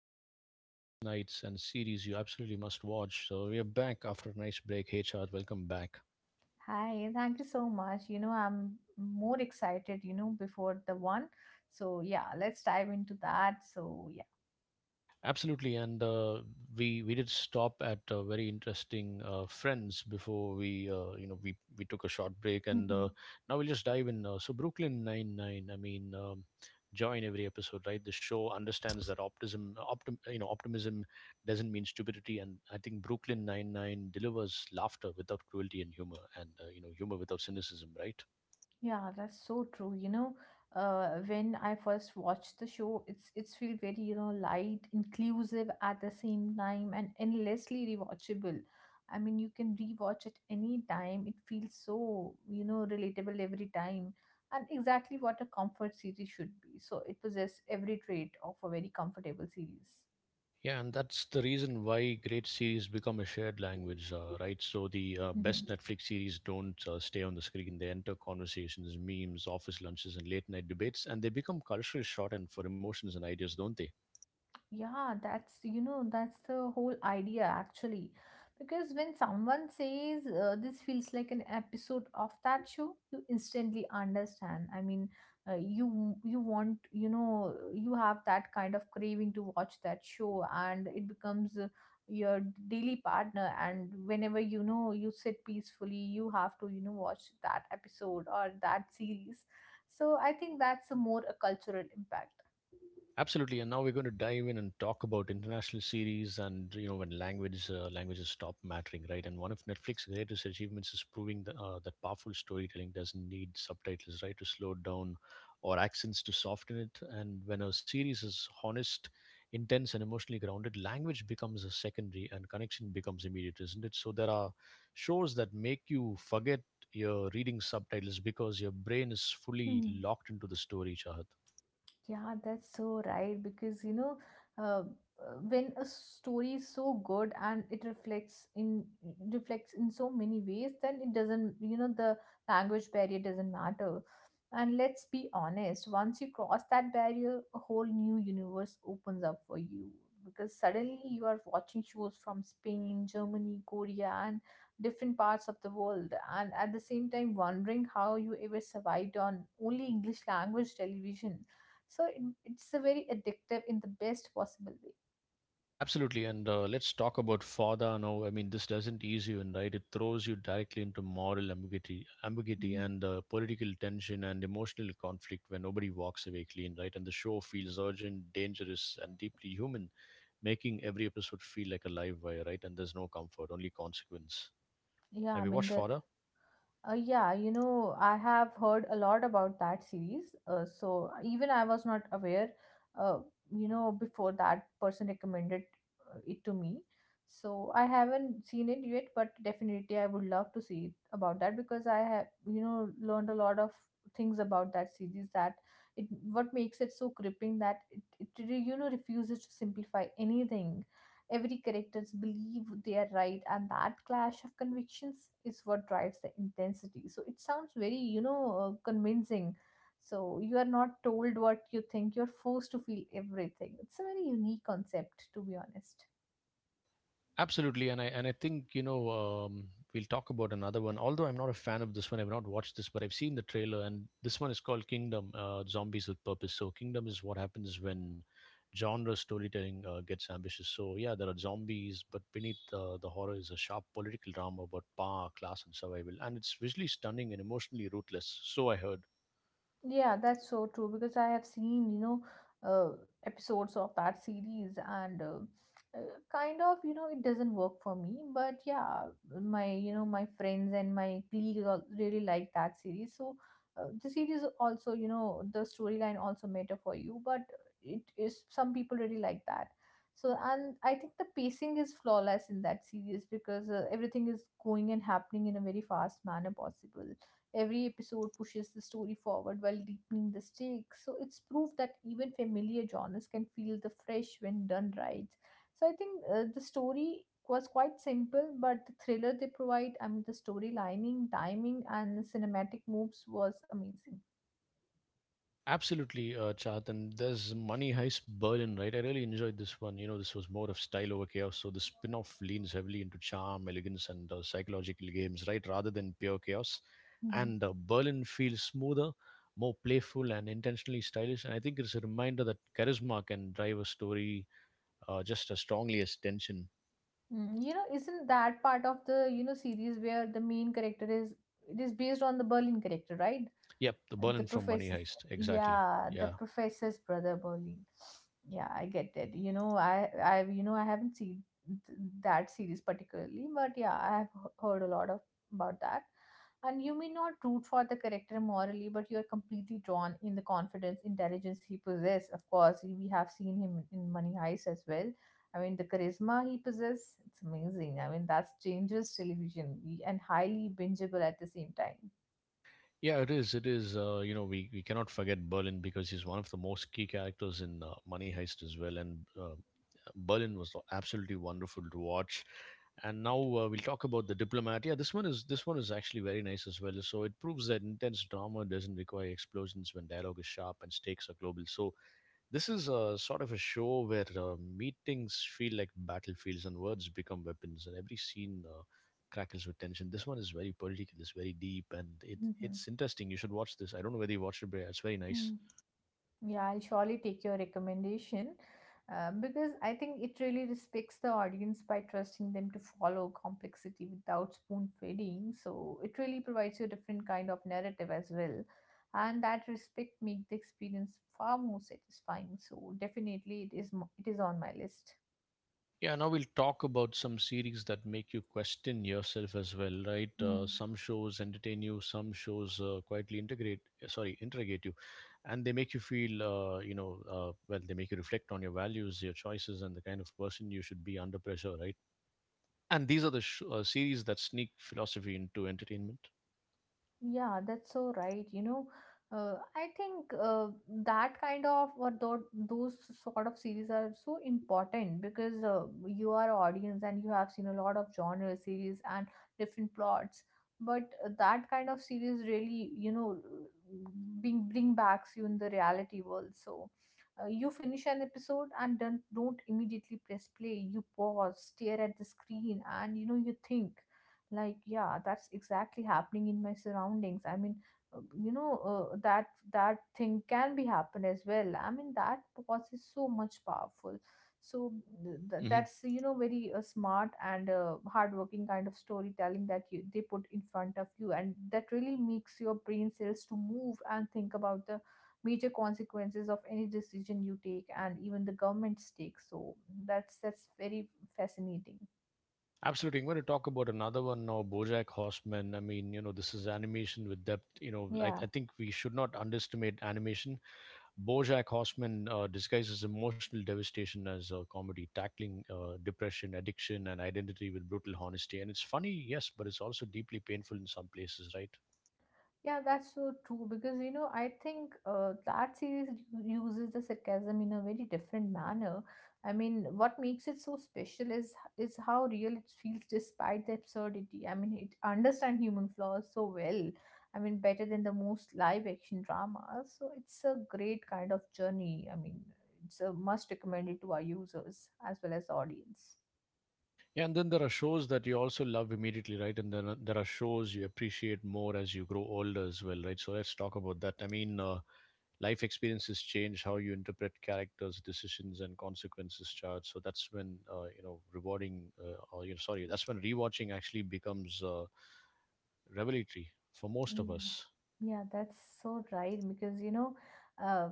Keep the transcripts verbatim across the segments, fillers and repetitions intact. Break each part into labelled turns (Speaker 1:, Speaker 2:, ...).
Speaker 1: two of Netflix Nights and series you absolutely must watch. So, we are back after a nice break. Hey, Chad, welcome back.
Speaker 2: Hi, thank you so much. You know, I'm more excited, you know, before the one. So, yeah, let's dive into that. So, yeah.
Speaker 1: Absolutely, and uh, we we did stop at uh, very interesting uh, friends before we uh, you know we we took a short break, and uh,
Speaker 2: Mhm.
Speaker 1: now we'll just dive in. Uh, so Brooklyn Nine Nine, I mean, um, join every episode, right? The show understands that optimism, optim, you know, optimism doesn't mean stupidity, and I think Brooklyn Nine Nine delivers laughter without cruelty and humor, and uh, you know, humor without cynicism, right?
Speaker 2: Yeah, that's so true. You know, uh, when I first watched the show, it's it's feel very, you know, light, inclusive at the same time and endlessly rewatchable. I mean, you can rewatch at any time. It feels so, you know, relatable every time. And exactly what a comfort series should be. So it possesses every trait of a very comfortable series.
Speaker 1: Yeah, and that's the reason why great series become a shared language, uh, right? So the uh, best
Speaker 2: Mhm.
Speaker 1: Netflix series don't uh, stay on the screen. They enter conversations, memes, office lunches, and late night debates, and they become cultural shorthand for emotions and ideas, don't they?
Speaker 2: Yeah, that's, you know, that's the whole idea actually. Because when someone says uh, this feels like an episode of that show, you instantly understand. I mean, uh, you you want, you know, you have that kind of craving to watch that show and it becomes uh, your daily partner, and whenever you know you sit peacefully, you have to, you know, watch that episode or that series. So I think that's a more a cultural impact.
Speaker 1: Absolutely, and now we're going to dive in and talk about international series and you know when language uh, languages stop mattering, right? And one of Netflix's greatest achievements is proving that, uh, that powerful storytelling doesn't need subtitles, right, to slow it down or accents to soften it. And when a series is honest, intense, and emotionally grounded, language becomes a secondary and connection becomes immediate, isn't it? So there are shows that make you forget you're reading subtitles because your brain is fully
Speaker 2: Hmm.
Speaker 1: locked into the story, Chahat.
Speaker 2: Yeah, that's so right. Because, you know, uh, uh, when a story is so good and it reflects in reflects in so many ways, then it doesn't, you know, the language barrier doesn't matter. And let's be honest, once you cross that barrier, a whole new universe opens up for you. Because suddenly you are watching shows from Spain, Germany, Korea, and different parts of the world, and at the same time wondering how you ever survived on only English language television. So it, it's a very addictive in the best possible way.
Speaker 1: Absolutely, and uh, let's talk about fodder now. I mean, this doesn't ease you in, right? It throws you directly into moral ambiguity, ambiguity,
Speaker 2: Mm.
Speaker 1: and uh, political tension and emotional conflict where nobody walks away clean, right? And the show feels urgent, dangerous, and deeply human, making every episode feel like a live wire, right? And there's no comfort, only consequence.
Speaker 2: Yeah,
Speaker 1: Have
Speaker 2: I
Speaker 1: you
Speaker 2: mean
Speaker 1: watched
Speaker 2: the
Speaker 1: fodder?
Speaker 2: uh, yeah, you know, I have heard a lot about that series. Uh, so even I was not aware, uh, you know, before that person recommended uh, it to me. So I haven't seen it yet, but definitely I would love to see it about that because I have, you know, learned a lot of things about that series, that it what makes it so gripping that it, it really, you know refuses to simplify anything. Every characters believe they are right, and that clash of convictions is what drives the intensity. So it sounds very, you know, uh, convincing. So you are not told what you think; you're forced to feel everything. It's a very unique concept, to be honest.
Speaker 1: Absolutely, and I and I think you know um, we'll talk about another one. Although I'm not a fan of this one, I've not watched this, but I've seen the trailer, and this one is called Kingdom: uh, Zombies with Purpose. So Kingdom is what happens when genre storytelling uh, gets ambitious. So yeah, there are zombies, but beneath uh, the horror is a sharp political drama about power, class, and survival, and it's visually stunning and emotionally ruthless. So I heard.
Speaker 2: Yeah, that's so true because I have seen, you know, uh, episodes of that series and uh, uh, kind of, you know, it doesn't work for me. But yeah, my, you know, my friends and my colleagues all really like that series. So uh, the series also, you know, the storyline also matter for you, but it is some people really like that. So and I think the pacing is flawless in that series because uh, everything is going and happening in a very fast manner possible. Every episode pushes the story forward while deepening the stakes. So it's proof that even familiar genres can feel the fresh when done right. So I think uh, the story was quite simple, but the thriller they provide, I mean, the story lining, timing, and cinematic moves was amazing.
Speaker 1: Absolutely, uh, Chat. And there's Money Heist Berlin, right? I really enjoyed this one. You know, this was more of style over chaos. So the spin off leans heavily into charm, elegance, and uh, psychological games, right? Rather than pure chaos.
Speaker 2: Mhm.
Speaker 1: And uh, Berlin feels smoother, more playful, and intentionally stylish. And I think it's a reminder that charisma can drive a story uh, just as strongly as tension.
Speaker 2: Mm, you know, isn't that part of the you know series where the main character is it is based on the Berlin character, right?
Speaker 1: Yep, the
Speaker 2: The
Speaker 1: Berlin from Money
Speaker 2: professor's
Speaker 1: Heist. Exactly.
Speaker 2: yeah, the
Speaker 1: Yeah.
Speaker 2: professor's brother Berlin. Yeah, I get it. You know, I I you know I haven't seen th- that series particularly, but yeah, I have h- heard a lot of about that. And you may not root for the character morally, but you are completely drawn in the confidence, intelligence he possesses. Of course, we have seen him in Money Heist as well. I mean, the charisma he possesses, it's amazing. I mean, that's dangerous television y- and highly bingeable at the same time.
Speaker 1: Yeah, it is. It is. Uh, you know, we, we cannot forget Berlin because he's one of the most key characters in uh, Money Heist as well. And uh, Berlin was absolutely wonderful to watch. And now uh, we'll talk about the diplomat. Yeah, this one is this one is actually very nice as well. So it proves that intense drama doesn't require explosions when dialogue is sharp and stakes are global. So this is a sort of a show where uh, meetings feel like battlefields and words become weapons, and every scene uh, crackles with tension. This one is very political, it's very deep, and it,
Speaker 2: Mm-hmm.
Speaker 1: it's interesting. You should watch this. I don't know whether you watched it, but it's very nice.
Speaker 2: Mm. Yeah, I'll surely take your recommendation uh, because I think it really respects the audience by trusting them to follow complexity without spoon feeding. So it really provides you a different kind of narrative as well. And that respect makes the experience far more satisfying. So definitely it is mo- it is on my list.
Speaker 1: Yeah, now we'll talk about some series that make you question yourself as well, right? Uh, some shows entertain you, some shows uh, quietly integrate, uh, sorry, interrogate you, and they make you feel, uh, you know, uh, well, they make you reflect on your values, your choices, and the kind of person you should be under pressure, right? And these are the sh- uh, series that sneak philosophy into entertainment.
Speaker 2: Yeah, that's so right. You know, uh, I think uh, that kind of or tho- those sort of series are so important because uh, you are audience and you have seen a lot of genre series and different plots. But uh, that kind of series really, you know, bring bring backs you in the reality world. So uh, you finish an episode and don't don't immediately press play. You pause, stare at the screen, and you know you think like, yeah, that's exactly happening in my surroundings. i mean uh, you know uh, that that thing can be happen as well. I mean that pause is so much powerful. So th- th-
Speaker 1: hmm
Speaker 2: that's, you know very uh, smart and uh, hardworking kind of storytelling that you they put in front of you, and that really makes your brain cells to move and think about the major consequences of any decision you take and even the government's take. So that's that's very fascinating,
Speaker 1: Absolutely. I'm going to talk about another one now, BoJack Horseman. I mean, you know, this is animation with depth. You know, I,
Speaker 2: yeah.
Speaker 1: I think we should not underestimate animation. BoJack Horseman uh, disguises emotional devastation as a comedy, tackling uh, depression, addiction, and identity with brutal honesty. And it's funny, yes, but it's also deeply painful in some places, right?
Speaker 2: Yeah, that's so true because you know I think uh, that series u- uses the sarcasm in a very different manner. I mean, what makes it so special is is how real it feels despite the absurdity. I mean, it understands human flaws so well. I mean, better than the most live action dramas. So it's a great kind of journey. I mean, it's a must recommend it to our users as well as the audience.
Speaker 1: Yeah, and then there are shows that you also love immediately, right? And then uh, there are shows you appreciate more as you grow older as well, right? So let's talk about that. I mean, uh, life experiences change how you interpret characters, decisions, and consequences charts. So that's when uh, you know rewarding, uh, or you know, sorry, that's when rewatching actually becomes uh, revelatory for most of
Speaker 2: Yeah,
Speaker 1: us.
Speaker 2: yeah, that's so right because you know, uh,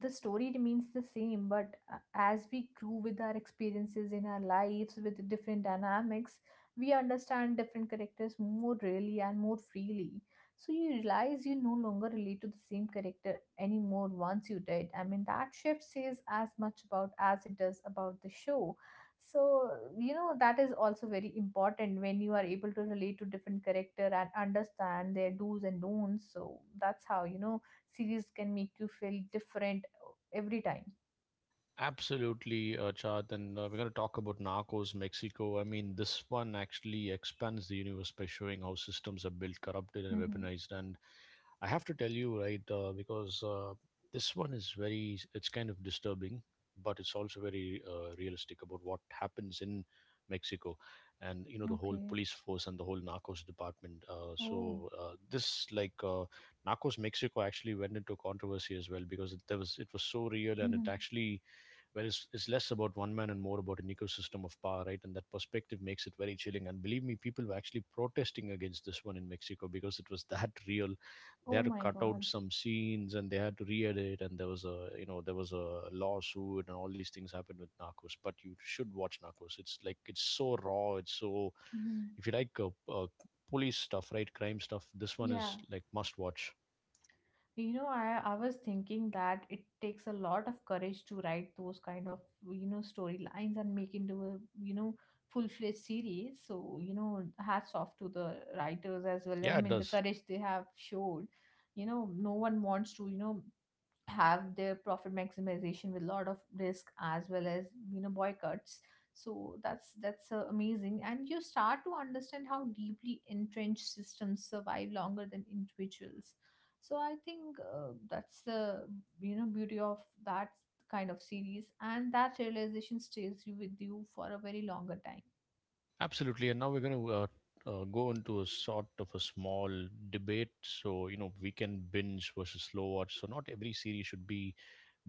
Speaker 2: the story remains the same, but uh, as we grew with our experiences in our lives with the different dynamics, we understand different characters more really and more freely. So you realize you no longer relate to the same character anymore once you did. I mean, that shift says as much about as it does about the show. So you know that is also very important when you are able to relate to different character and understand their do's and don'ts. So that's how you know series can make you feel different uh, every time.
Speaker 1: Absolutely, uh, Chad. And uh, we're going to talk about Narcos Mexico. I mean, this one actually expands the universe by showing how systems are built, corrupted, and
Speaker 2: Hmm.
Speaker 1: weaponized. And I have to tell you, right, uh, because uh, this one is very, it's kind of disturbing, but it's also very uh, realistic about what happens in Mexico and, you know, the whole
Speaker 2: Okay.
Speaker 1: police force and the whole Narcos department. Uh,
Speaker 2: Oh.
Speaker 1: so, uh, this, like, uh, Narcos Mexico actually went into controversy as well because it, there was, it was so real and
Speaker 2: Hmm.
Speaker 1: it actually where it's, it's less about one man and more about an ecosystem of power, right? And that perspective makes it very chilling. And believe me, people were actually protesting against this one in Mexico because it was that real.
Speaker 2: Oh
Speaker 1: They had to
Speaker 2: my
Speaker 1: cut
Speaker 2: god.
Speaker 1: out some scenes and they had to re-edit, and there was a you know there was a lawsuit and all these things happened with Narcos. But you should watch Narcos. It's like it's so raw. It's so
Speaker 2: Hmm.
Speaker 1: if you like uh, uh, police stuff, right, crime stuff. This one
Speaker 2: Yeah.
Speaker 1: is like must watch.
Speaker 2: You know, I, I was thinking that it takes a lot of courage to write those kind of, you know, storylines and make into a, you know, full-fledged series. So, you know, hats off to the writers as well. I
Speaker 1: Yeah, it
Speaker 2: mean, the
Speaker 1: does.
Speaker 2: courage they have showed. You know, no one wants to, you know, have their profit maximization with a lot of risk as well as you know boycotts. So that's that's uh, amazing, and you start to understand how deeply entrenched systems survive longer than individuals. So I think uh, that's the you know beauty of that kind of series, and that realization stays you with you for a very longer time.
Speaker 1: Absolutely. And now we're going to uh, uh, go into a sort of a small debate. So, you know, weekend binge versus slow watch. So, not every series should be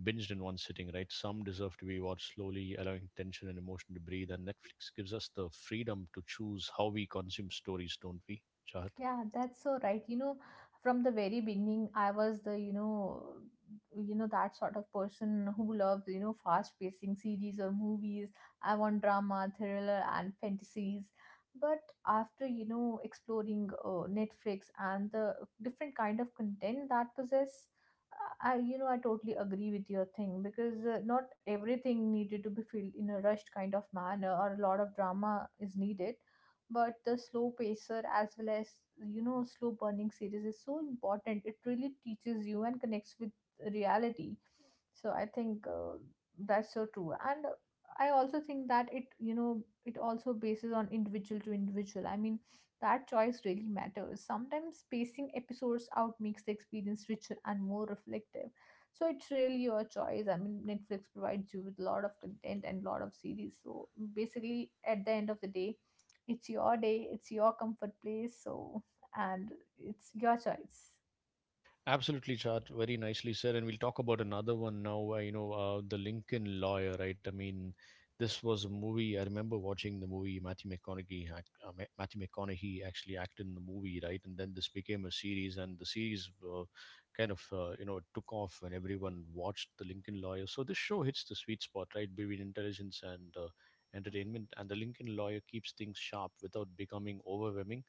Speaker 1: binged in one sitting, right? Some deserve to be watched slowly, allowing tension and emotion to breathe. And Netflix gives us the freedom to choose how we consume stories, don't we, Chahat?
Speaker 2: Yeah, that's so right. You know, from the very beginning, I was the, you know, you know that sort of person who loves, you know, fast-pacing series or movies. I want drama, thriller, and fantasies. But after, you know, exploring uh, Netflix and the different kind of content that possess, I, you know, I totally agree with your thing because uh, not everything needed to be filled in a rushed kind of manner or a lot of drama is needed, but the slow pacer as well as you know slow burning series is so important. It really teaches you and connects with reality. So I think uh, that's so true. And I also think that it you know it also bases on individual to individual. I mean, that choice really matters. Sometimes spacing episodes out makes the experience richer and more reflective. So it's really your choice. I mean, Netflix provides you with a lot of content and a lot of series. So basically at the end of the day, it's your day, it's your comfort place, so and it's your choice.
Speaker 1: Absolutely, Chat. Very nicely said. And we'll talk about another one now. Uh, you know, uh, the Lincoln Lawyer, right? I mean, this was a movie. I remember watching the movie. Matthew McConaughey, act, uh, Ma- Matthew McConaughey actually acted in the movie, right? And then this became a series, and the series uh, kind of uh, you know took off when everyone watched the Lincoln Lawyer. So this show hits the sweet spot, right, between intelligence and uh, entertainment. And the Lincoln Lawyer keeps things sharp without becoming overwhelming.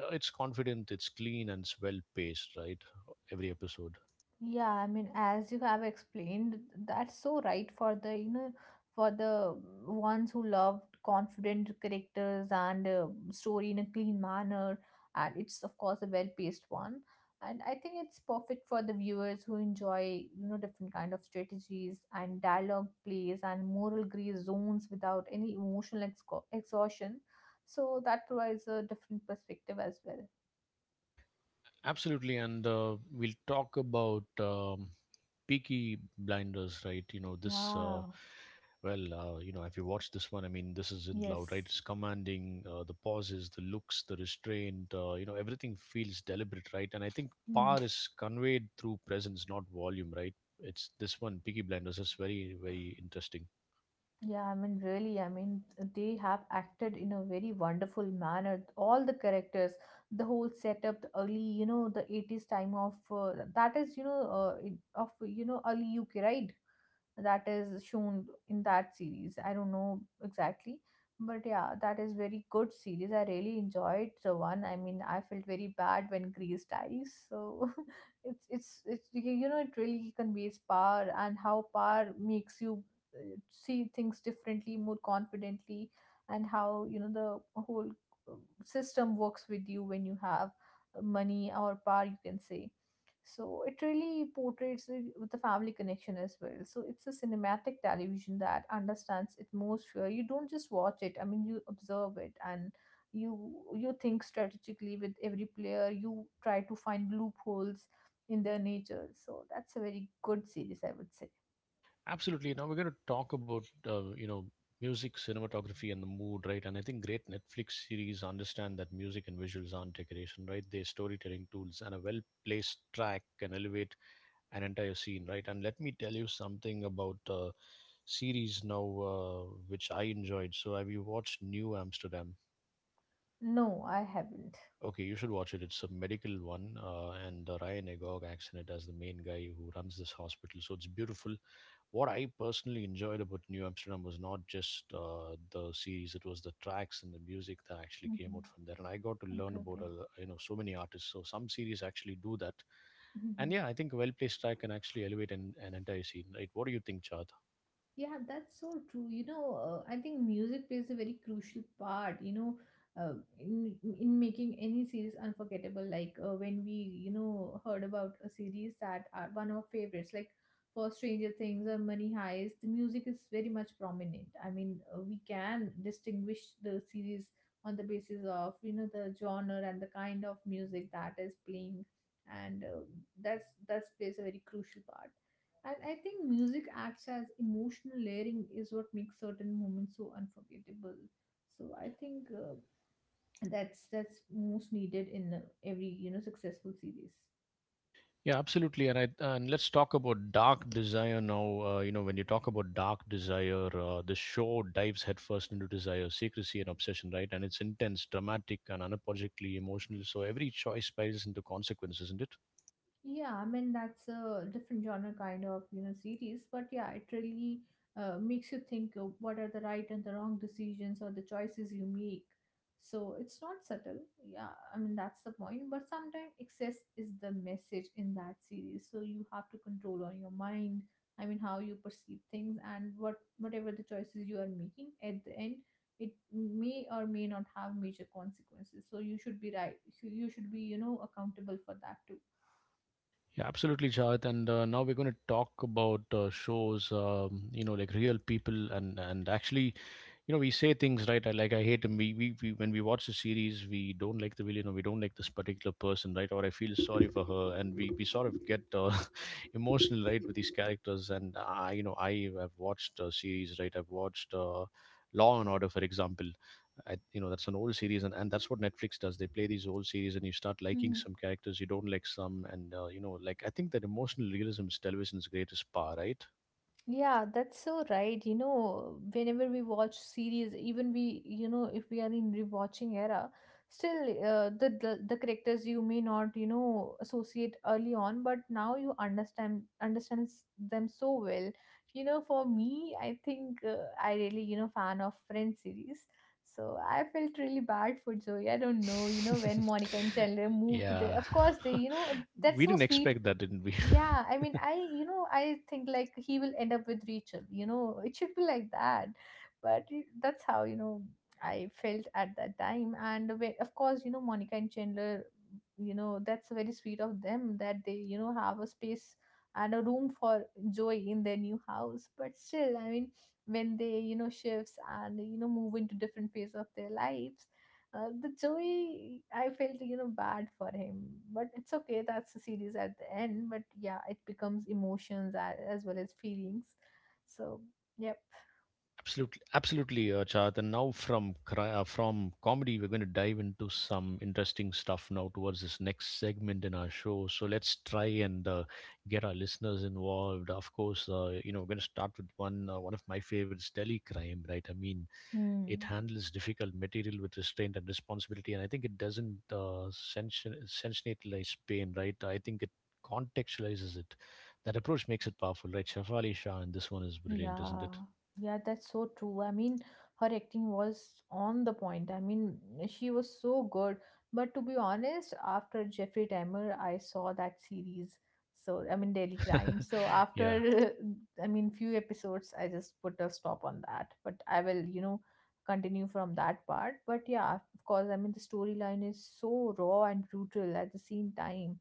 Speaker 1: uh, It's confident, it's clean, and it's well paced, right? Every episode.
Speaker 2: Yeah, I mean, as you have explained, that's so right for the, you know, for the ones who love confident characters and uh, story in a clean manner. And it's, of course, a well-paced one. And I think it's perfect for the viewers who enjoy, you know, different kind of strategies and dialogue plays and moral gray zones without any emotional exco exhaustion. So that provides a different perspective as well.
Speaker 1: Absolutely. And uh, we'll talk about um, Peaky Blinders, right? You know, this, uh,
Speaker 2: Yeah,
Speaker 1: well, uh, you know, have you watched this one? I mean, this isn't loud, right?
Speaker 2: yes.
Speaker 1: It's commanding, uh, the pauses, the looks, the restraint, uh, you know, everything feels deliberate, right? And I think
Speaker 2: Mm-hmm.
Speaker 1: power is conveyed through presence, not volume, right? It's this one, Peaky Blinders, is very, very interesting.
Speaker 2: Yeah, I mean, really, I mean, they have acted in a very wonderful manner. All the characters, the whole setup, the early, you know, the eighties time of uh, that is, you know, uh, it- of, you know, early U K, right? That is shown in that series. I don't know exactly, but yeah, that is very good series. I really enjoyed the one. I mean, I felt very bad when Grease dies, so it's, it's, it's, you know, it really conveys power and how power makes you uh, see things differently, more confidently, and how you know the whole uh, system works with you when you have uh, money or power, you can say. So it really portrays it with the family connection as well. So it's a cinematic television that understands atmosphere. You don't just watch it, I mean, you observe it, and you you think strategically with every player. You try to find loopholes in their nature. So that's a very good series, I would say.
Speaker 1: Absolutely. Now we're going to talk about uh, you know music, cinematography, and the mood, right? And I think great Netflix series understand that music and visuals aren't decoration, right? They're storytelling tools, and a well-placed track can elevate an entire scene, right? And let me tell you something about uh, series now, uh, which I enjoyed. So have you watched New Amsterdam?
Speaker 2: No, I haven't.
Speaker 1: Okay, you should watch it. It's a medical one, uh, and uh, Ryan Agog acts in it as the main guy who runs this hospital. So it's beautiful what I personally enjoyed about New Amsterdam was not just uh, the series; it was the tracks and the music that actually came
Speaker 2: Mhm.
Speaker 1: out from there. And I got to learn
Speaker 2: Okay,
Speaker 1: about
Speaker 2: okay.
Speaker 1: uh, you know so many artists. So some series actually do that, and
Speaker 2: Mhm.
Speaker 1: yeah, I think a well-placed track can actually elevate an, an entire scene. Right? What do you think, Chad?
Speaker 2: Yeah, that's so true. You know, uh, I think music plays a very crucial part, you know, uh, in in making any series unforgettable. Like uh, when we, you know, heard about a series that are one of our favorites, like for Stranger Things or Money Heist, the music is very much prominent. I mean, uh, we can distinguish the series on the basis of, you know, the genre and the kind of music that is playing. And uh, that's that's plays a very crucial part. And I think music acts as emotional layering is what makes certain moments so unforgettable. So I think uh, that's that's most needed in uh, every you know successful series.
Speaker 1: Yeah, absolutely. And I, and let's talk about Dark Desire now. Uh, you know, when you talk about Dark Desire, uh, the show dives headfirst into desire, secrecy, and obsession, right? And it's intense, dramatic, and unapologetically emotional. So every choice spirals into consequences, is not it?
Speaker 2: Yeah, I mean that's a different genre kind of you know series, but yeah, it really uh, makes you think of what are the right and the wrong decisions or the choices you make. So it's not subtle. Yeah, I mean that's the point. But sometimes excess is the message in that series. So you have to control on your mind. I mean how you perceive things and what whatever the choices you are making at the end, it may or may not have major consequences. So you should be right. You you should be you know accountable for that too.
Speaker 1: Yeah, absolutely, Shahid. And uh, Now we're going to talk about uh, shows, um, you know, like real people, and and actually, you know, we say things, right? I- like, I hate him. We, we, we when we watch a series, we don't like the villain, or we don't like this particular person, right? Or I feel sorry for her, and we, we sort of get uh, emotional, right, with these characters. And I you know I have watched a series, right? I've watched uh, Law and Order, for example. I, you know That's an old series, and, and that's what Netflix does. They play these old series, and you start liking some characters, you don't like some. And uh, you know, like, I think that emotional realism is television's greatest power, right?
Speaker 2: Yeah, that's so right. You know, whenever we watch series, even we, you know, if we are in rewatching era, still uh, the, the the characters you may not, you know, associate early on, but now you understand understands them so well. You know, for me, I think uh, I really, you know, fan of Friends series. So I felt really bad for Joey. I don't know, you know, when Monica and Chandler moved
Speaker 1: Yeah.
Speaker 2: there. Of course, they, you know, that's
Speaker 1: We
Speaker 2: so
Speaker 1: didn't
Speaker 2: sweet.
Speaker 1: expect that, didn't we?
Speaker 2: Yeah, I mean, I, you know, I think like he will end up with Rachel, you know, it should be like that. But y- that's how, you know, I felt at that time. And whe- of course, you know, Monica and Chandler, you know, that's very sweet of them that they, you know, have a space and a room for joy in their new house. But still, I mean, when they, you know, shifts and, you know, move into different phase of their lives, uh, the Joey, I felt you know bad for him, but it's okay. That's the series at the end. But yeah, it becomes emotions as as well as feelings. So yep.
Speaker 1: Absolutely, absolutely, uh, Chad. And now from cri- uh, from comedy, we're going to dive into some interesting stuff now towards this next segment in our show. So let's try and uh, get our listeners involved. Of course, uh, you know, we're going to start with one uh, one of my favorites, Delhi Crime. Right? I mean, it
Speaker 2: Hmm.
Speaker 1: handles difficult material with restraint and responsibility, and I think it doesn't uh, sensationalize pain, right? I think it contextualizes it. That approach makes it powerful, right? Shafali Shah, and this one is brilliant, isn't
Speaker 2: Yeah,
Speaker 1: it?
Speaker 2: yeah, that's so true. I mean, her acting was on the point. I mean, she was so good. But to be honest, after Jeffrey Dahmer, I saw that series. So, I mean, Daily Crime. So
Speaker 1: Yeah.
Speaker 2: after, I mean, few episodes, I just put a stop on that. But I will, you know, continue from that part. But yeah, of course, I mean, the storyline is so raw and brutal at the same time,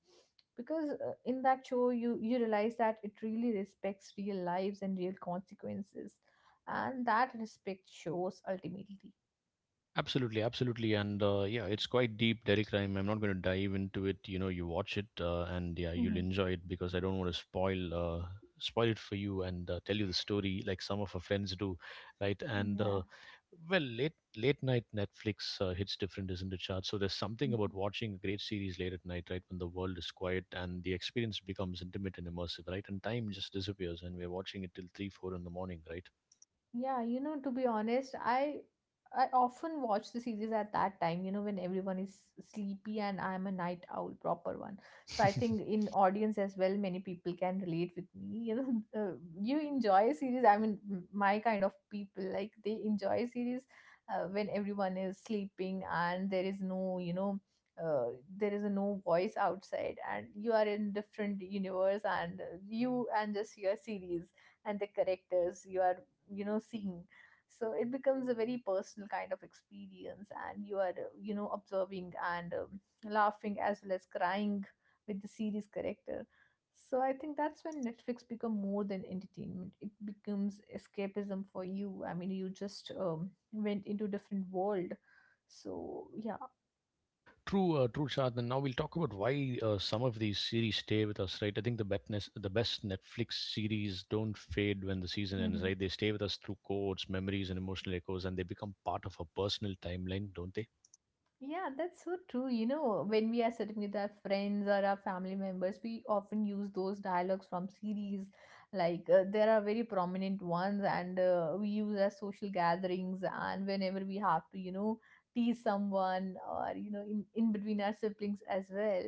Speaker 2: because uh, in that show you you realize that it really respects real lives and real consequences, and that respect shows ultimately.
Speaker 1: Absolutely, absolutely, and uh, yeah, it's quite deep, Dairy Crime. I'm not going to dive into it. You know, you watch it, uh, and yeah, you'll enjoy it because I don't want to spoil uh, spoil it for you, and uh, tell you the story like some of our friends do, right? And
Speaker 2: Yeah.
Speaker 1: uh, well, late late night Netflix uh, hits different, isn't it, Chad? So there's something about watching a great series late at night, right, when the world is quiet and the experience becomes intimate and immersive, right? And time just disappears, and we're watching it till three, four in the morning, right?
Speaker 2: Yeah, you know, to be honest, I I often watch the series at that time, you know, when everyone is sleepy and I'm a night owl, proper one. So I think in audience as well, many people can relate with me. You know, uh, you enjoy a series. I mean, m- my kind of people like they enjoy a series uh, when everyone is sleeping, and there is no, you know, uh, there is a no voice outside, and you are in different universe. And uh, you and just your series and the characters you are you know seeing. So it becomes a very personal kind of experience, and you are you know observing and um, laughing as well as crying with the series character. So I think that's when Netflix become more than entertainment, it becomes escapism for you. I mean, you just um, went into different world. So yeah.
Speaker 1: True, uh, true, Shad. And now we'll talk about why uh, some of these series stay with us, right? I think the best, the best Netflix series don't fade when the season ends,
Speaker 2: Mhm.
Speaker 1: right? They stay with us through codes, memories, and emotional echoes, and they become part of our personal timeline, don't they?
Speaker 2: Yeah, that's so true. You know, when we are sitting with our friends or our family members, we often use those dialogues from series. Like, uh, there are very prominent ones, and uh, we use as social gatherings. And whenever we have to, you know, tease someone, or, you know, in, in between our siblings as well.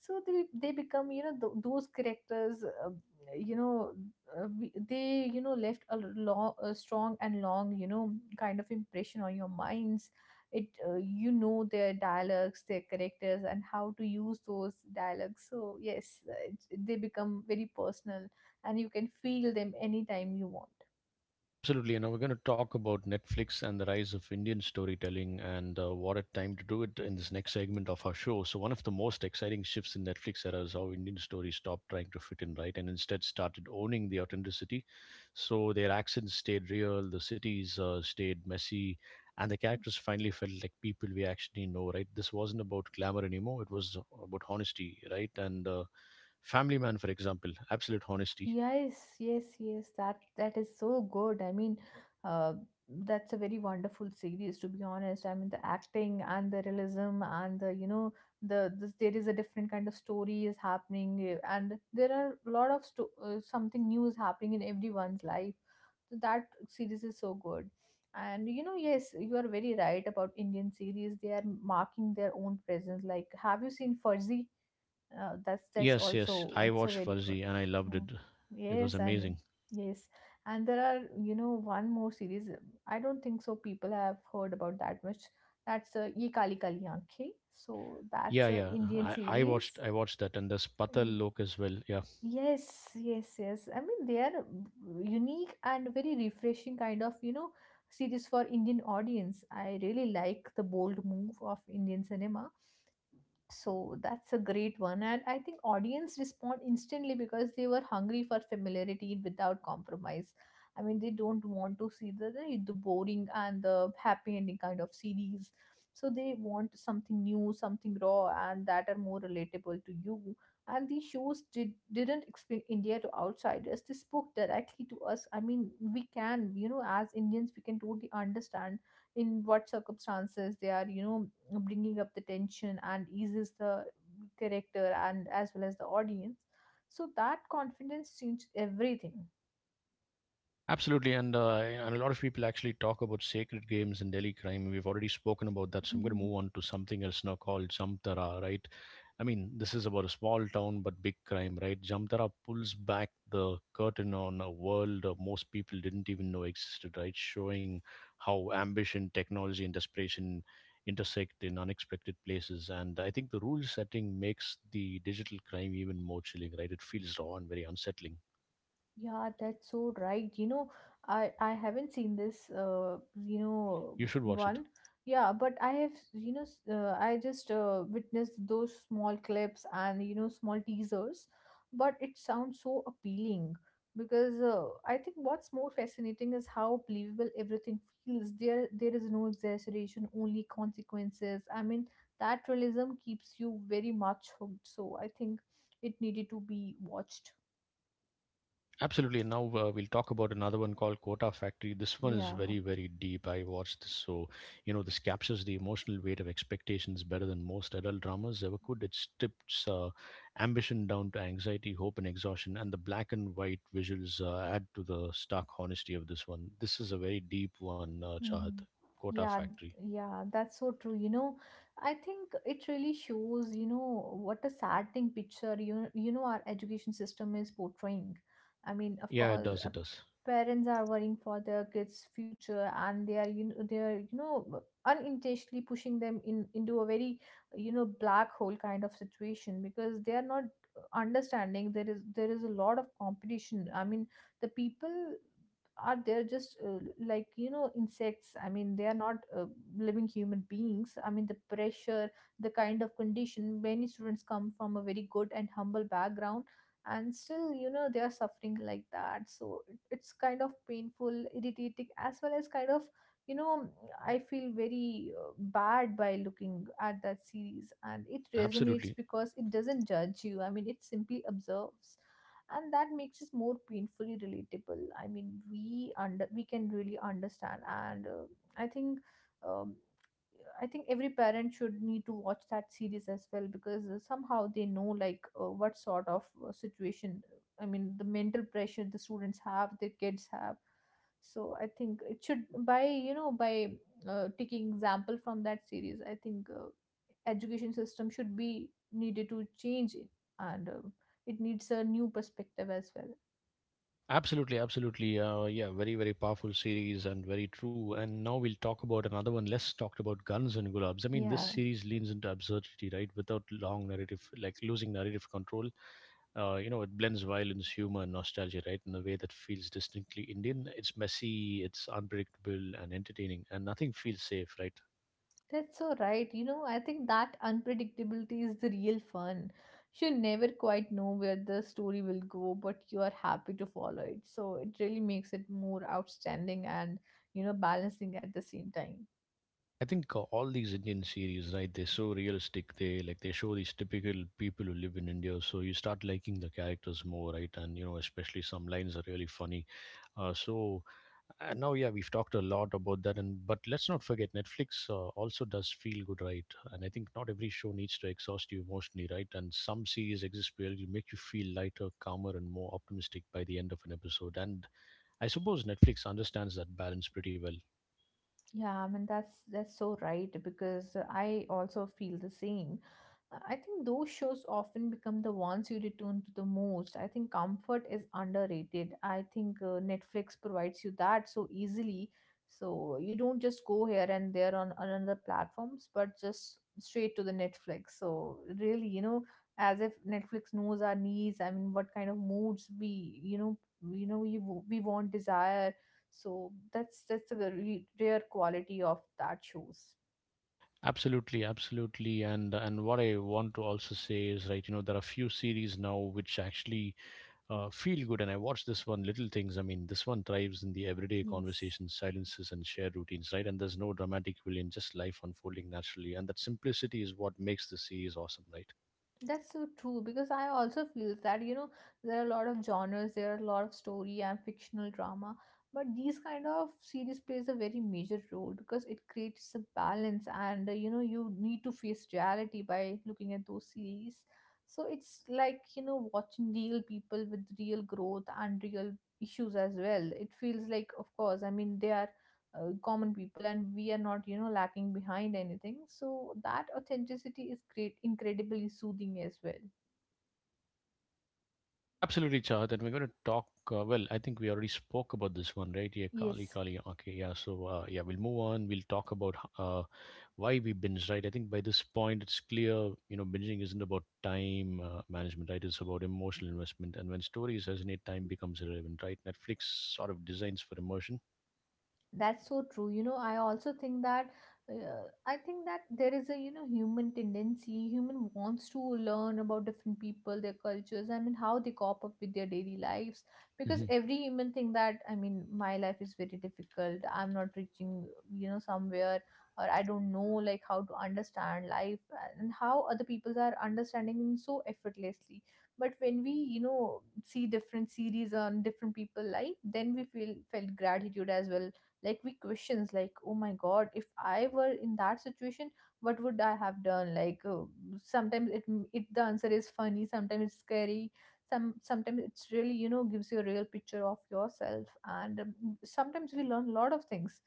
Speaker 2: So they, they become, you know, th- those characters, uh, you know, uh, we, they, you know, left a, long, a strong and long, you know, kind of impression on your minds. It, uh, you know their dialogues, their characters, and how to use those dialogues. So yes, uh, it, they become very personal, and you can feel them anytime you want.
Speaker 1: Absolutely. You know, we're going to talk about Netflix and the rise of Indian storytelling, and uh, what a time to do it in this next segment of our show. So, one of the most exciting shifts in Netflix era is how Indian stories stopped trying to fit in, right, and instead started owning the authenticity. So, their accents stayed real, the cities uh, stayed messy, and the characters finally felt like people we actually know, right? This wasn't about glamour anymore, it was about honesty, right? And uh, Family Man, for example, absolute honesty.
Speaker 2: Yes, yes, yes. That that is so good. I mean, uh, that's a very wonderful series, to be honest. I mean, the acting and the realism and the you know the this, there is a different kind of story is happening, uh, and there are a lot of sto- uh, something new is happening in everyone's life. So that series is so good. And you know, yes, you are very right about Indian series. They are marking their own presence. Like, have you seen Fuzzy? uh, that's that's
Speaker 1: Yes, yes.
Speaker 2: also,
Speaker 1: I
Speaker 2: that's so
Speaker 1: watched
Speaker 2: very good.
Speaker 1: Farzi and I loved
Speaker 2: Yeah.
Speaker 1: it. It was
Speaker 2: Yes. I mean,
Speaker 1: amazing.
Speaker 2: yes. And there are you know one more series. I don't think so people have heard about that much. That's uh, Ye Kali Kali Aankhein. So
Speaker 1: Yeah,
Speaker 2: that's a
Speaker 1: yeah.
Speaker 2: Indian
Speaker 1: I, I
Speaker 2: series.
Speaker 1: watched I watched that, and there's
Speaker 2: Y-
Speaker 1: Patal Lok as well. Yeah.
Speaker 2: yes, yes, yes. I mean, they are unique and very refreshing kind of you know series for Indian audience. I really like the bold move of Indian cinema. So that's a great one. And I think audience respond instantly because they were hungry for familiarity without compromise. I mean, they don't want to see the, the, the boring and the happy ending kind of series. So they want something new, something raw, and that are more relatable to you. And these shows did, didn't explain India to outsiders. They spoke directly to us. I mean, we can, you know, as Indians, we can totally understand in what circumstances they are you know bringing up the tension and eases the character and as well as the audience. So that confidence changed everything.
Speaker 1: Absolutely, and uh, and a lot of people actually talk about Sacred Games and Delhi Crime. We've already spoken about that, so I'm going to move on to something else now called Jamtara, right? I mean, this is about a small town but big crime, right? Jamtara pulls back the curtain on a world uh, most people didn't even know existed, right, showing how ambition, technology, and desperation intersect in unexpected places. And I think the rule setting makes the digital crime even more chilling, right? It feels raw and very unsettling.
Speaker 2: Yeah, that's so right. You know, I I haven't seen this uh you know
Speaker 1: You should watch it.
Speaker 2: one. Yeah, but I have you know s- uh, I just uh, witnessed those small clips and you know small teasers, but it sounds so appealing because uh, I think what's more fascinating is how believable everything feels. There there is no exaggeration, only consequences. I mean, that realism keeps you very much hooked. So I think it needed to be watched.
Speaker 1: Absolutely. Now uh, we'll talk about another one called Kota Factory. This one is very,
Speaker 2: Yeah.
Speaker 1: very deep. I watched this, so you know this captures the emotional weight of expectations better than most adult dramas ever could. It strips uh, ambition down to anxiety, hope, and exhaustion, and the black and white visuals uh, add to the stark honesty of this one. This is a very deep one, uh, Chahat.
Speaker 2: Mm-hmm.
Speaker 1: Kota
Speaker 2: Yeah,
Speaker 1: Factory.
Speaker 2: yeah, that's so true. You know, I think it really shows, you know, what a saddening picture you you know our education system is portraying. I mean, of
Speaker 1: Yeah, it
Speaker 2: course,
Speaker 1: does.
Speaker 2: uh,
Speaker 1: It does.
Speaker 2: parents are worrying for their kids' future, and they are you know they are you know unintentionally pushing them in into a very you know black hole kind of situation, because they are not understanding there is there is a lot of competition. I mean, the people are they're just uh, like you know insects. I mean, they are not uh, living human beings. I mean, the pressure, the kind of condition, many students come from a very good and humble background, and still you know they are suffering like that. So it- it's kind of painful, irritating, as well as kind of you know I feel very uh, bad by looking at that series. And it resonates
Speaker 1: Absolutely.
Speaker 2: because it doesn't judge you. I mean, it simply observes. And that makes us more painfully relatable. I mean, we under we can really understand. And uh, i think um, I think every parent should need to watch that series as well, because uh, somehow they know, like uh, what sort of uh, situation, I mean the mental pressure the students have, the kids have. So I think it should, by you know by uh, taking example from that series, I think uh, education system should be needed to change it. And uh, it needs a new perspective as well.
Speaker 1: Absolutely, absolutely. Uh, yeah, very, very powerful series and very true. And now we'll talk about another one, less talked about: Guns and Gulabs. I mean, this
Speaker 2: Yeah,
Speaker 1: series leans into absurdity, right, without long narrative, like losing narrative control. Uh, you know, it blends violence, humor, and nostalgia, right, in a way that feels distinctly Indian. It's messy, it's unpredictable, and entertaining, and nothing feels safe, right?
Speaker 2: that's so right. You know, I think that unpredictability is the real fun. You never quite know where the story will go, but you are happy to follow it. So it really makes it more outstanding and, you know, balancing at the same time.
Speaker 1: I think uh, all these Indian series, right, they're so realistic. They like they show these typical people who live in India, so you start liking the characters more, right? And you know, especially some lines are really funny. Uh, so uh, Now, yeah, we've talked a lot about that, and but let's not forget Netflix uh, also does feel good, right? And I think not every show needs to exhaust you emotionally, right? And some series exist where you make you feel lighter, calmer, and more optimistic by the end of an episode. And I suppose Netflix understands that balance pretty well.
Speaker 2: Yeah, I mean that's that's so right because I also feel the same. Uh, I think those shows often become the ones you return to the most. I think comfort is underrated. I think uh, Netflix provides you that so easily. So you don't just go here and there on another platforms, but just straight to the Netflix. So really, you know, as if Netflix knows our needs. I mean, what kind of moods we, you know, you know, we, we want desire, so that's that's the re- rare quality of that shows.
Speaker 1: Absolutely, absolutely, and and what I want to also say is, right, you know, there are few series now which actually uh, feel good, and I watched this one, Little Things. I mean, this one thrives in the everyday
Speaker 2: Yes,
Speaker 1: conversations, silences, and shared routines, right? And there's no dramatic villain, just life unfolding naturally, and that simplicity is what makes the series awesome, right?
Speaker 2: that's so true because I also feel that, you know, there are a lot of genres, there are a lot of story and fictional drama, but these kind of series plays a very major role because it creates a balance and, uh, you know, you need to face reality by looking at those series. So it's like, you know, watching real people with real growth and real issues as well. It feels like, of course, I mean they are uh, common people and we are not, you know, lacking behind anything, so that authenticity is great, incredibly soothing as well.
Speaker 1: Absolutely, Chahat. And we're going to talk. Uh, well, I think we already spoke about this one, right? Yeah, Kali,
Speaker 2: Yes,
Speaker 1: Kali. Okay, yeah. So, uh, yeah, we'll move on. We'll talk about uh, why we binge, right? I think by this point it's clear, you know, binging isn't about time uh, management, right? It's about emotional investment, and when stories resonate, time becomes irrelevant, right? Netflix sort of designs for immersion.
Speaker 2: that's so true, you know. I also think that uh, i think that there is a, you know, human tendency. Human wants to learn about different people, their cultures, I mean how they cope up with their daily lives, because
Speaker 1: Hmm.
Speaker 2: every human think that, I mean, my life is very difficult, I'm not reaching, you know, somewhere, or I don't know like how to understand life and how other peoples are understanding so effortlessly. But when we, you know, see different series on different people life, then we feel felt gratitude as well. Like we questions like, oh my god, if I were in that situation, what would I have done, like, uh, sometimes it it the answer is funny, sometimes it's scary, some sometimes it's really, you know, gives you a real picture of yourself. And um, sometimes we learn a lot of things.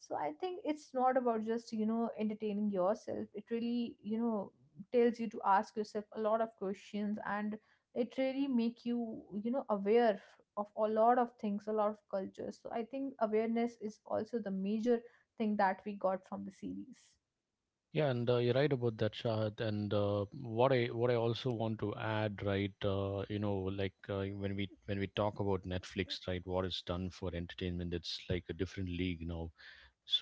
Speaker 2: So I think it's not about just, you know, entertaining yourself. It really, you know, tells you to ask yourself a lot of questions, and it really make you, you know, aware f- of a lot of things, a lot of cultures. So I think awareness is also the major thing that we got from the series.
Speaker 1: Yeah, and uh, you're right about that, Shahad. And uh, what i what i also want to add, right, uh, you know, like, uh, when we when we talk about Netflix, right, what it's done for entertainment, it's like a different league now. So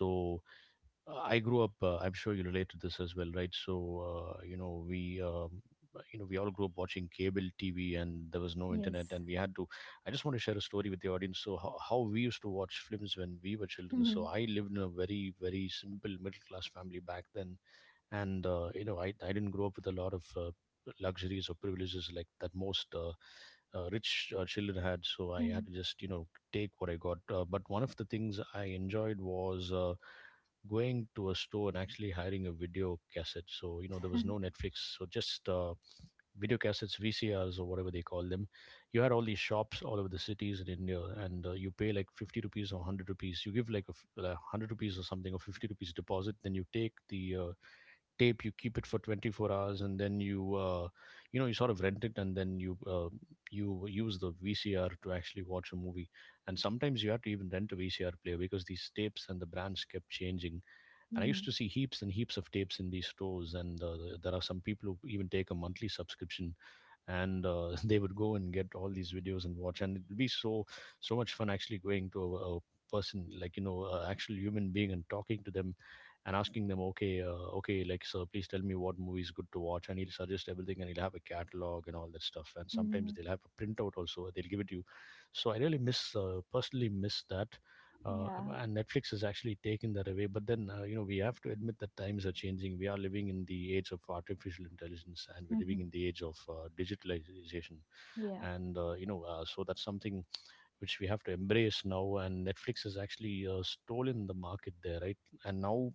Speaker 1: Uh, I grew up. Uh, I'm sure you relate to this as well, right? So uh, you know we. Um, uh, you know, we all grew up watching cable T V, and there was no internet,
Speaker 2: Yes.
Speaker 1: and we had to. I just want to share a story with the audience. So, how, how we used to watch films when we were children. So, I lived in a very, very simple middle class family back then, and uh, you know, I, I didn't grow up with a lot of uh, luxuries or privileges like that most uh, uh, rich uh, children had. So, I had
Speaker 2: Mhm.
Speaker 1: to just, you know, take what I got. Uh, but one of the things I enjoyed was. Uh, going to a store and actually hiring a video cassette. So, you know, there was
Speaker 2: Mhm.
Speaker 1: no Netflix. So just uh, video cassettes, V C Rs, or whatever they call them. You had all these shops all over the cities in India, and uh, you pay like fifty rupees or a hundred rupees. You give like a f- like a hundred rupees or something, or fifty rupees deposit. Then you take the uh, tape, you keep it for twenty-four hours, and then you, uh, you know, you sort of rent it, and then you, uh, you use the V C R to actually watch a movie. And sometimes you had to even rent a V C R player because these tapes and the brands kept changing. And I used
Speaker 2: Mhm.
Speaker 1: to see heaps and heaps of tapes in these stores. And uh, there are some people who even take a monthly subscription, and uh, they would go and get all these videos and watch. And it'd be so so much fun actually going to a, a person like, you know, an actual human being, and talking to them and asking them, okay, uh, okay, like, sir, please tell me what movie is good to watch. And he'll suggest everything, and he'll have a catalog and all that stuff. And sometimes
Speaker 2: Mhm.
Speaker 1: they'll have a printout also, they'll give it to you. So I really miss, uh, personally miss that. Uh,
Speaker 2: Yeah.
Speaker 1: and Netflix has actually taken that away. But then, uh, you know, we have to admit that times are changing. We are living in the age of artificial intelligence, and we're living
Speaker 2: Mhm.
Speaker 1: in the age of uh, digitalization.
Speaker 2: Yeah.
Speaker 1: And, uh, you know, uh, so that's something which we have to embrace now. And Netflix has actually uh, stolen the market there, right? And now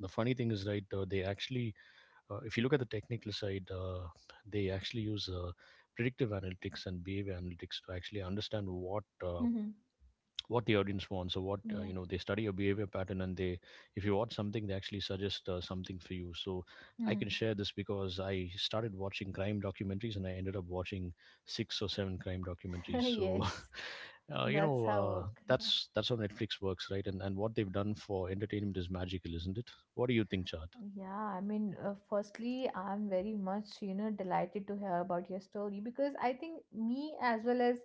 Speaker 1: the funny thing is, right, uh, they actually, uh, if you look at the technical side, uh, they actually use uh, predictive analytics and behavior analytics to actually understand what uh,
Speaker 2: Mhm.
Speaker 1: what the audience wants, or what uh,
Speaker 2: Yeah.
Speaker 1: you know, they study your behavior pattern, and they, if you watch something, they actually suggest uh, something for you. So I can
Speaker 2: Mhm.
Speaker 1: share this because I started watching crime documentaries, and I ended up watching six or seven crime documentaries. So
Speaker 2: Yes,
Speaker 1: uh, you
Speaker 2: that's
Speaker 1: know,
Speaker 2: how
Speaker 1: uh,
Speaker 2: work.
Speaker 1: that's that's how Netflix works, right? And and what they've done for entertainment is magical, isn't it? What do you think, Chad?
Speaker 2: Yeah, I mean, uh, firstly, I'm very much, you know, delighted to hear about your story, because I think me as well as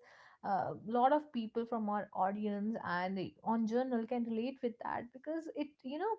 Speaker 2: a lot of people from our audience and on journal can relate with that, because it, you know,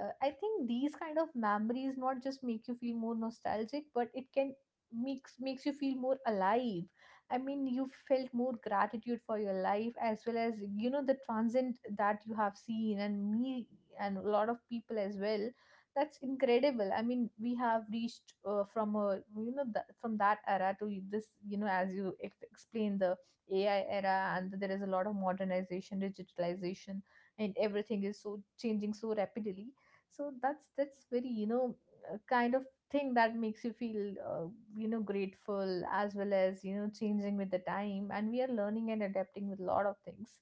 Speaker 2: uh, I think these kind of memories not just make you feel more nostalgic, but it can makes makes you feel more alive. I mean, you felt more gratitude for your life as well as, you know, the transient that you have seen, and me and a lot of people as well. That's incredible. I mean we have reached, uh, from a, you know, that from that era to this, you know, as you ex- explain the AI era, and there is a lot of modernization, digitalization, and everything is so changing so rapidly. So that's that's very, you know, uh, kind of thing that makes you feel, uh, you know, grateful, as well as, you know, changing with the time, and we are learning and adapting with a lot of things,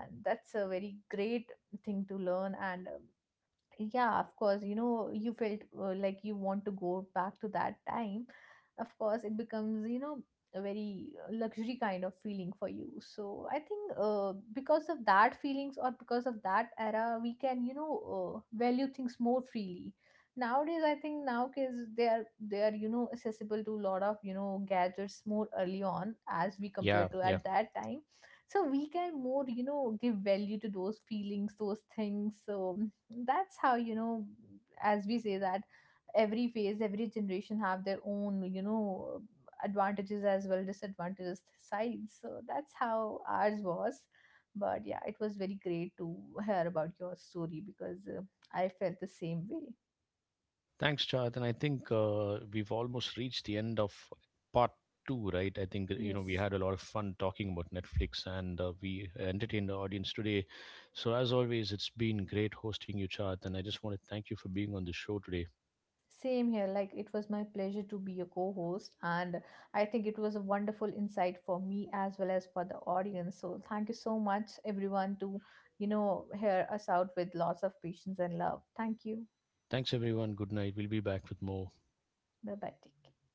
Speaker 2: and that's a very great thing to learn. And uh, yeah, of course, you know, you felt, uh, like you want to go back to that time. Of course it becomes, you know, a very uh, luxury kind of feeling for you. So I think, uh, because of that feelings, or because of that era, we can, you know, uh, value things more freely nowadays. I think now kids, they are they are you know, accessible to a lot of, you know, gadgets more early on as we compare
Speaker 1: Yeah,
Speaker 2: to
Speaker 1: yeah.
Speaker 2: at that time. So we can more, you know, give value to those feelings, those things. So that's how, you know, as we say that every phase, every generation have their own, you know, advantages as well disadvantages sides. So that's how ours was. But yeah, it was very great to hear about your story, because uh, i felt the same way.
Speaker 1: Thanks, Chad. And I think uh, we've almost reached the end of part two, right? I think, you know, we
Speaker 2: Yes.
Speaker 1: had a lot of fun talking about Netflix, and uh, we entertained the audience today. So, as always, it's been great hosting you, Chad. And I just want to thank you for being on the show today.
Speaker 2: Same here. Like, it was my pleasure to be your co host, and I think it was a wonderful insight for me as well as for the audience. So, thank you so much, everyone, to, you know, hear us out with lots of patience and love. Thank you.
Speaker 1: Thanks, everyone. Good night. We'll be back with more.
Speaker 2: Bye bye. Take care.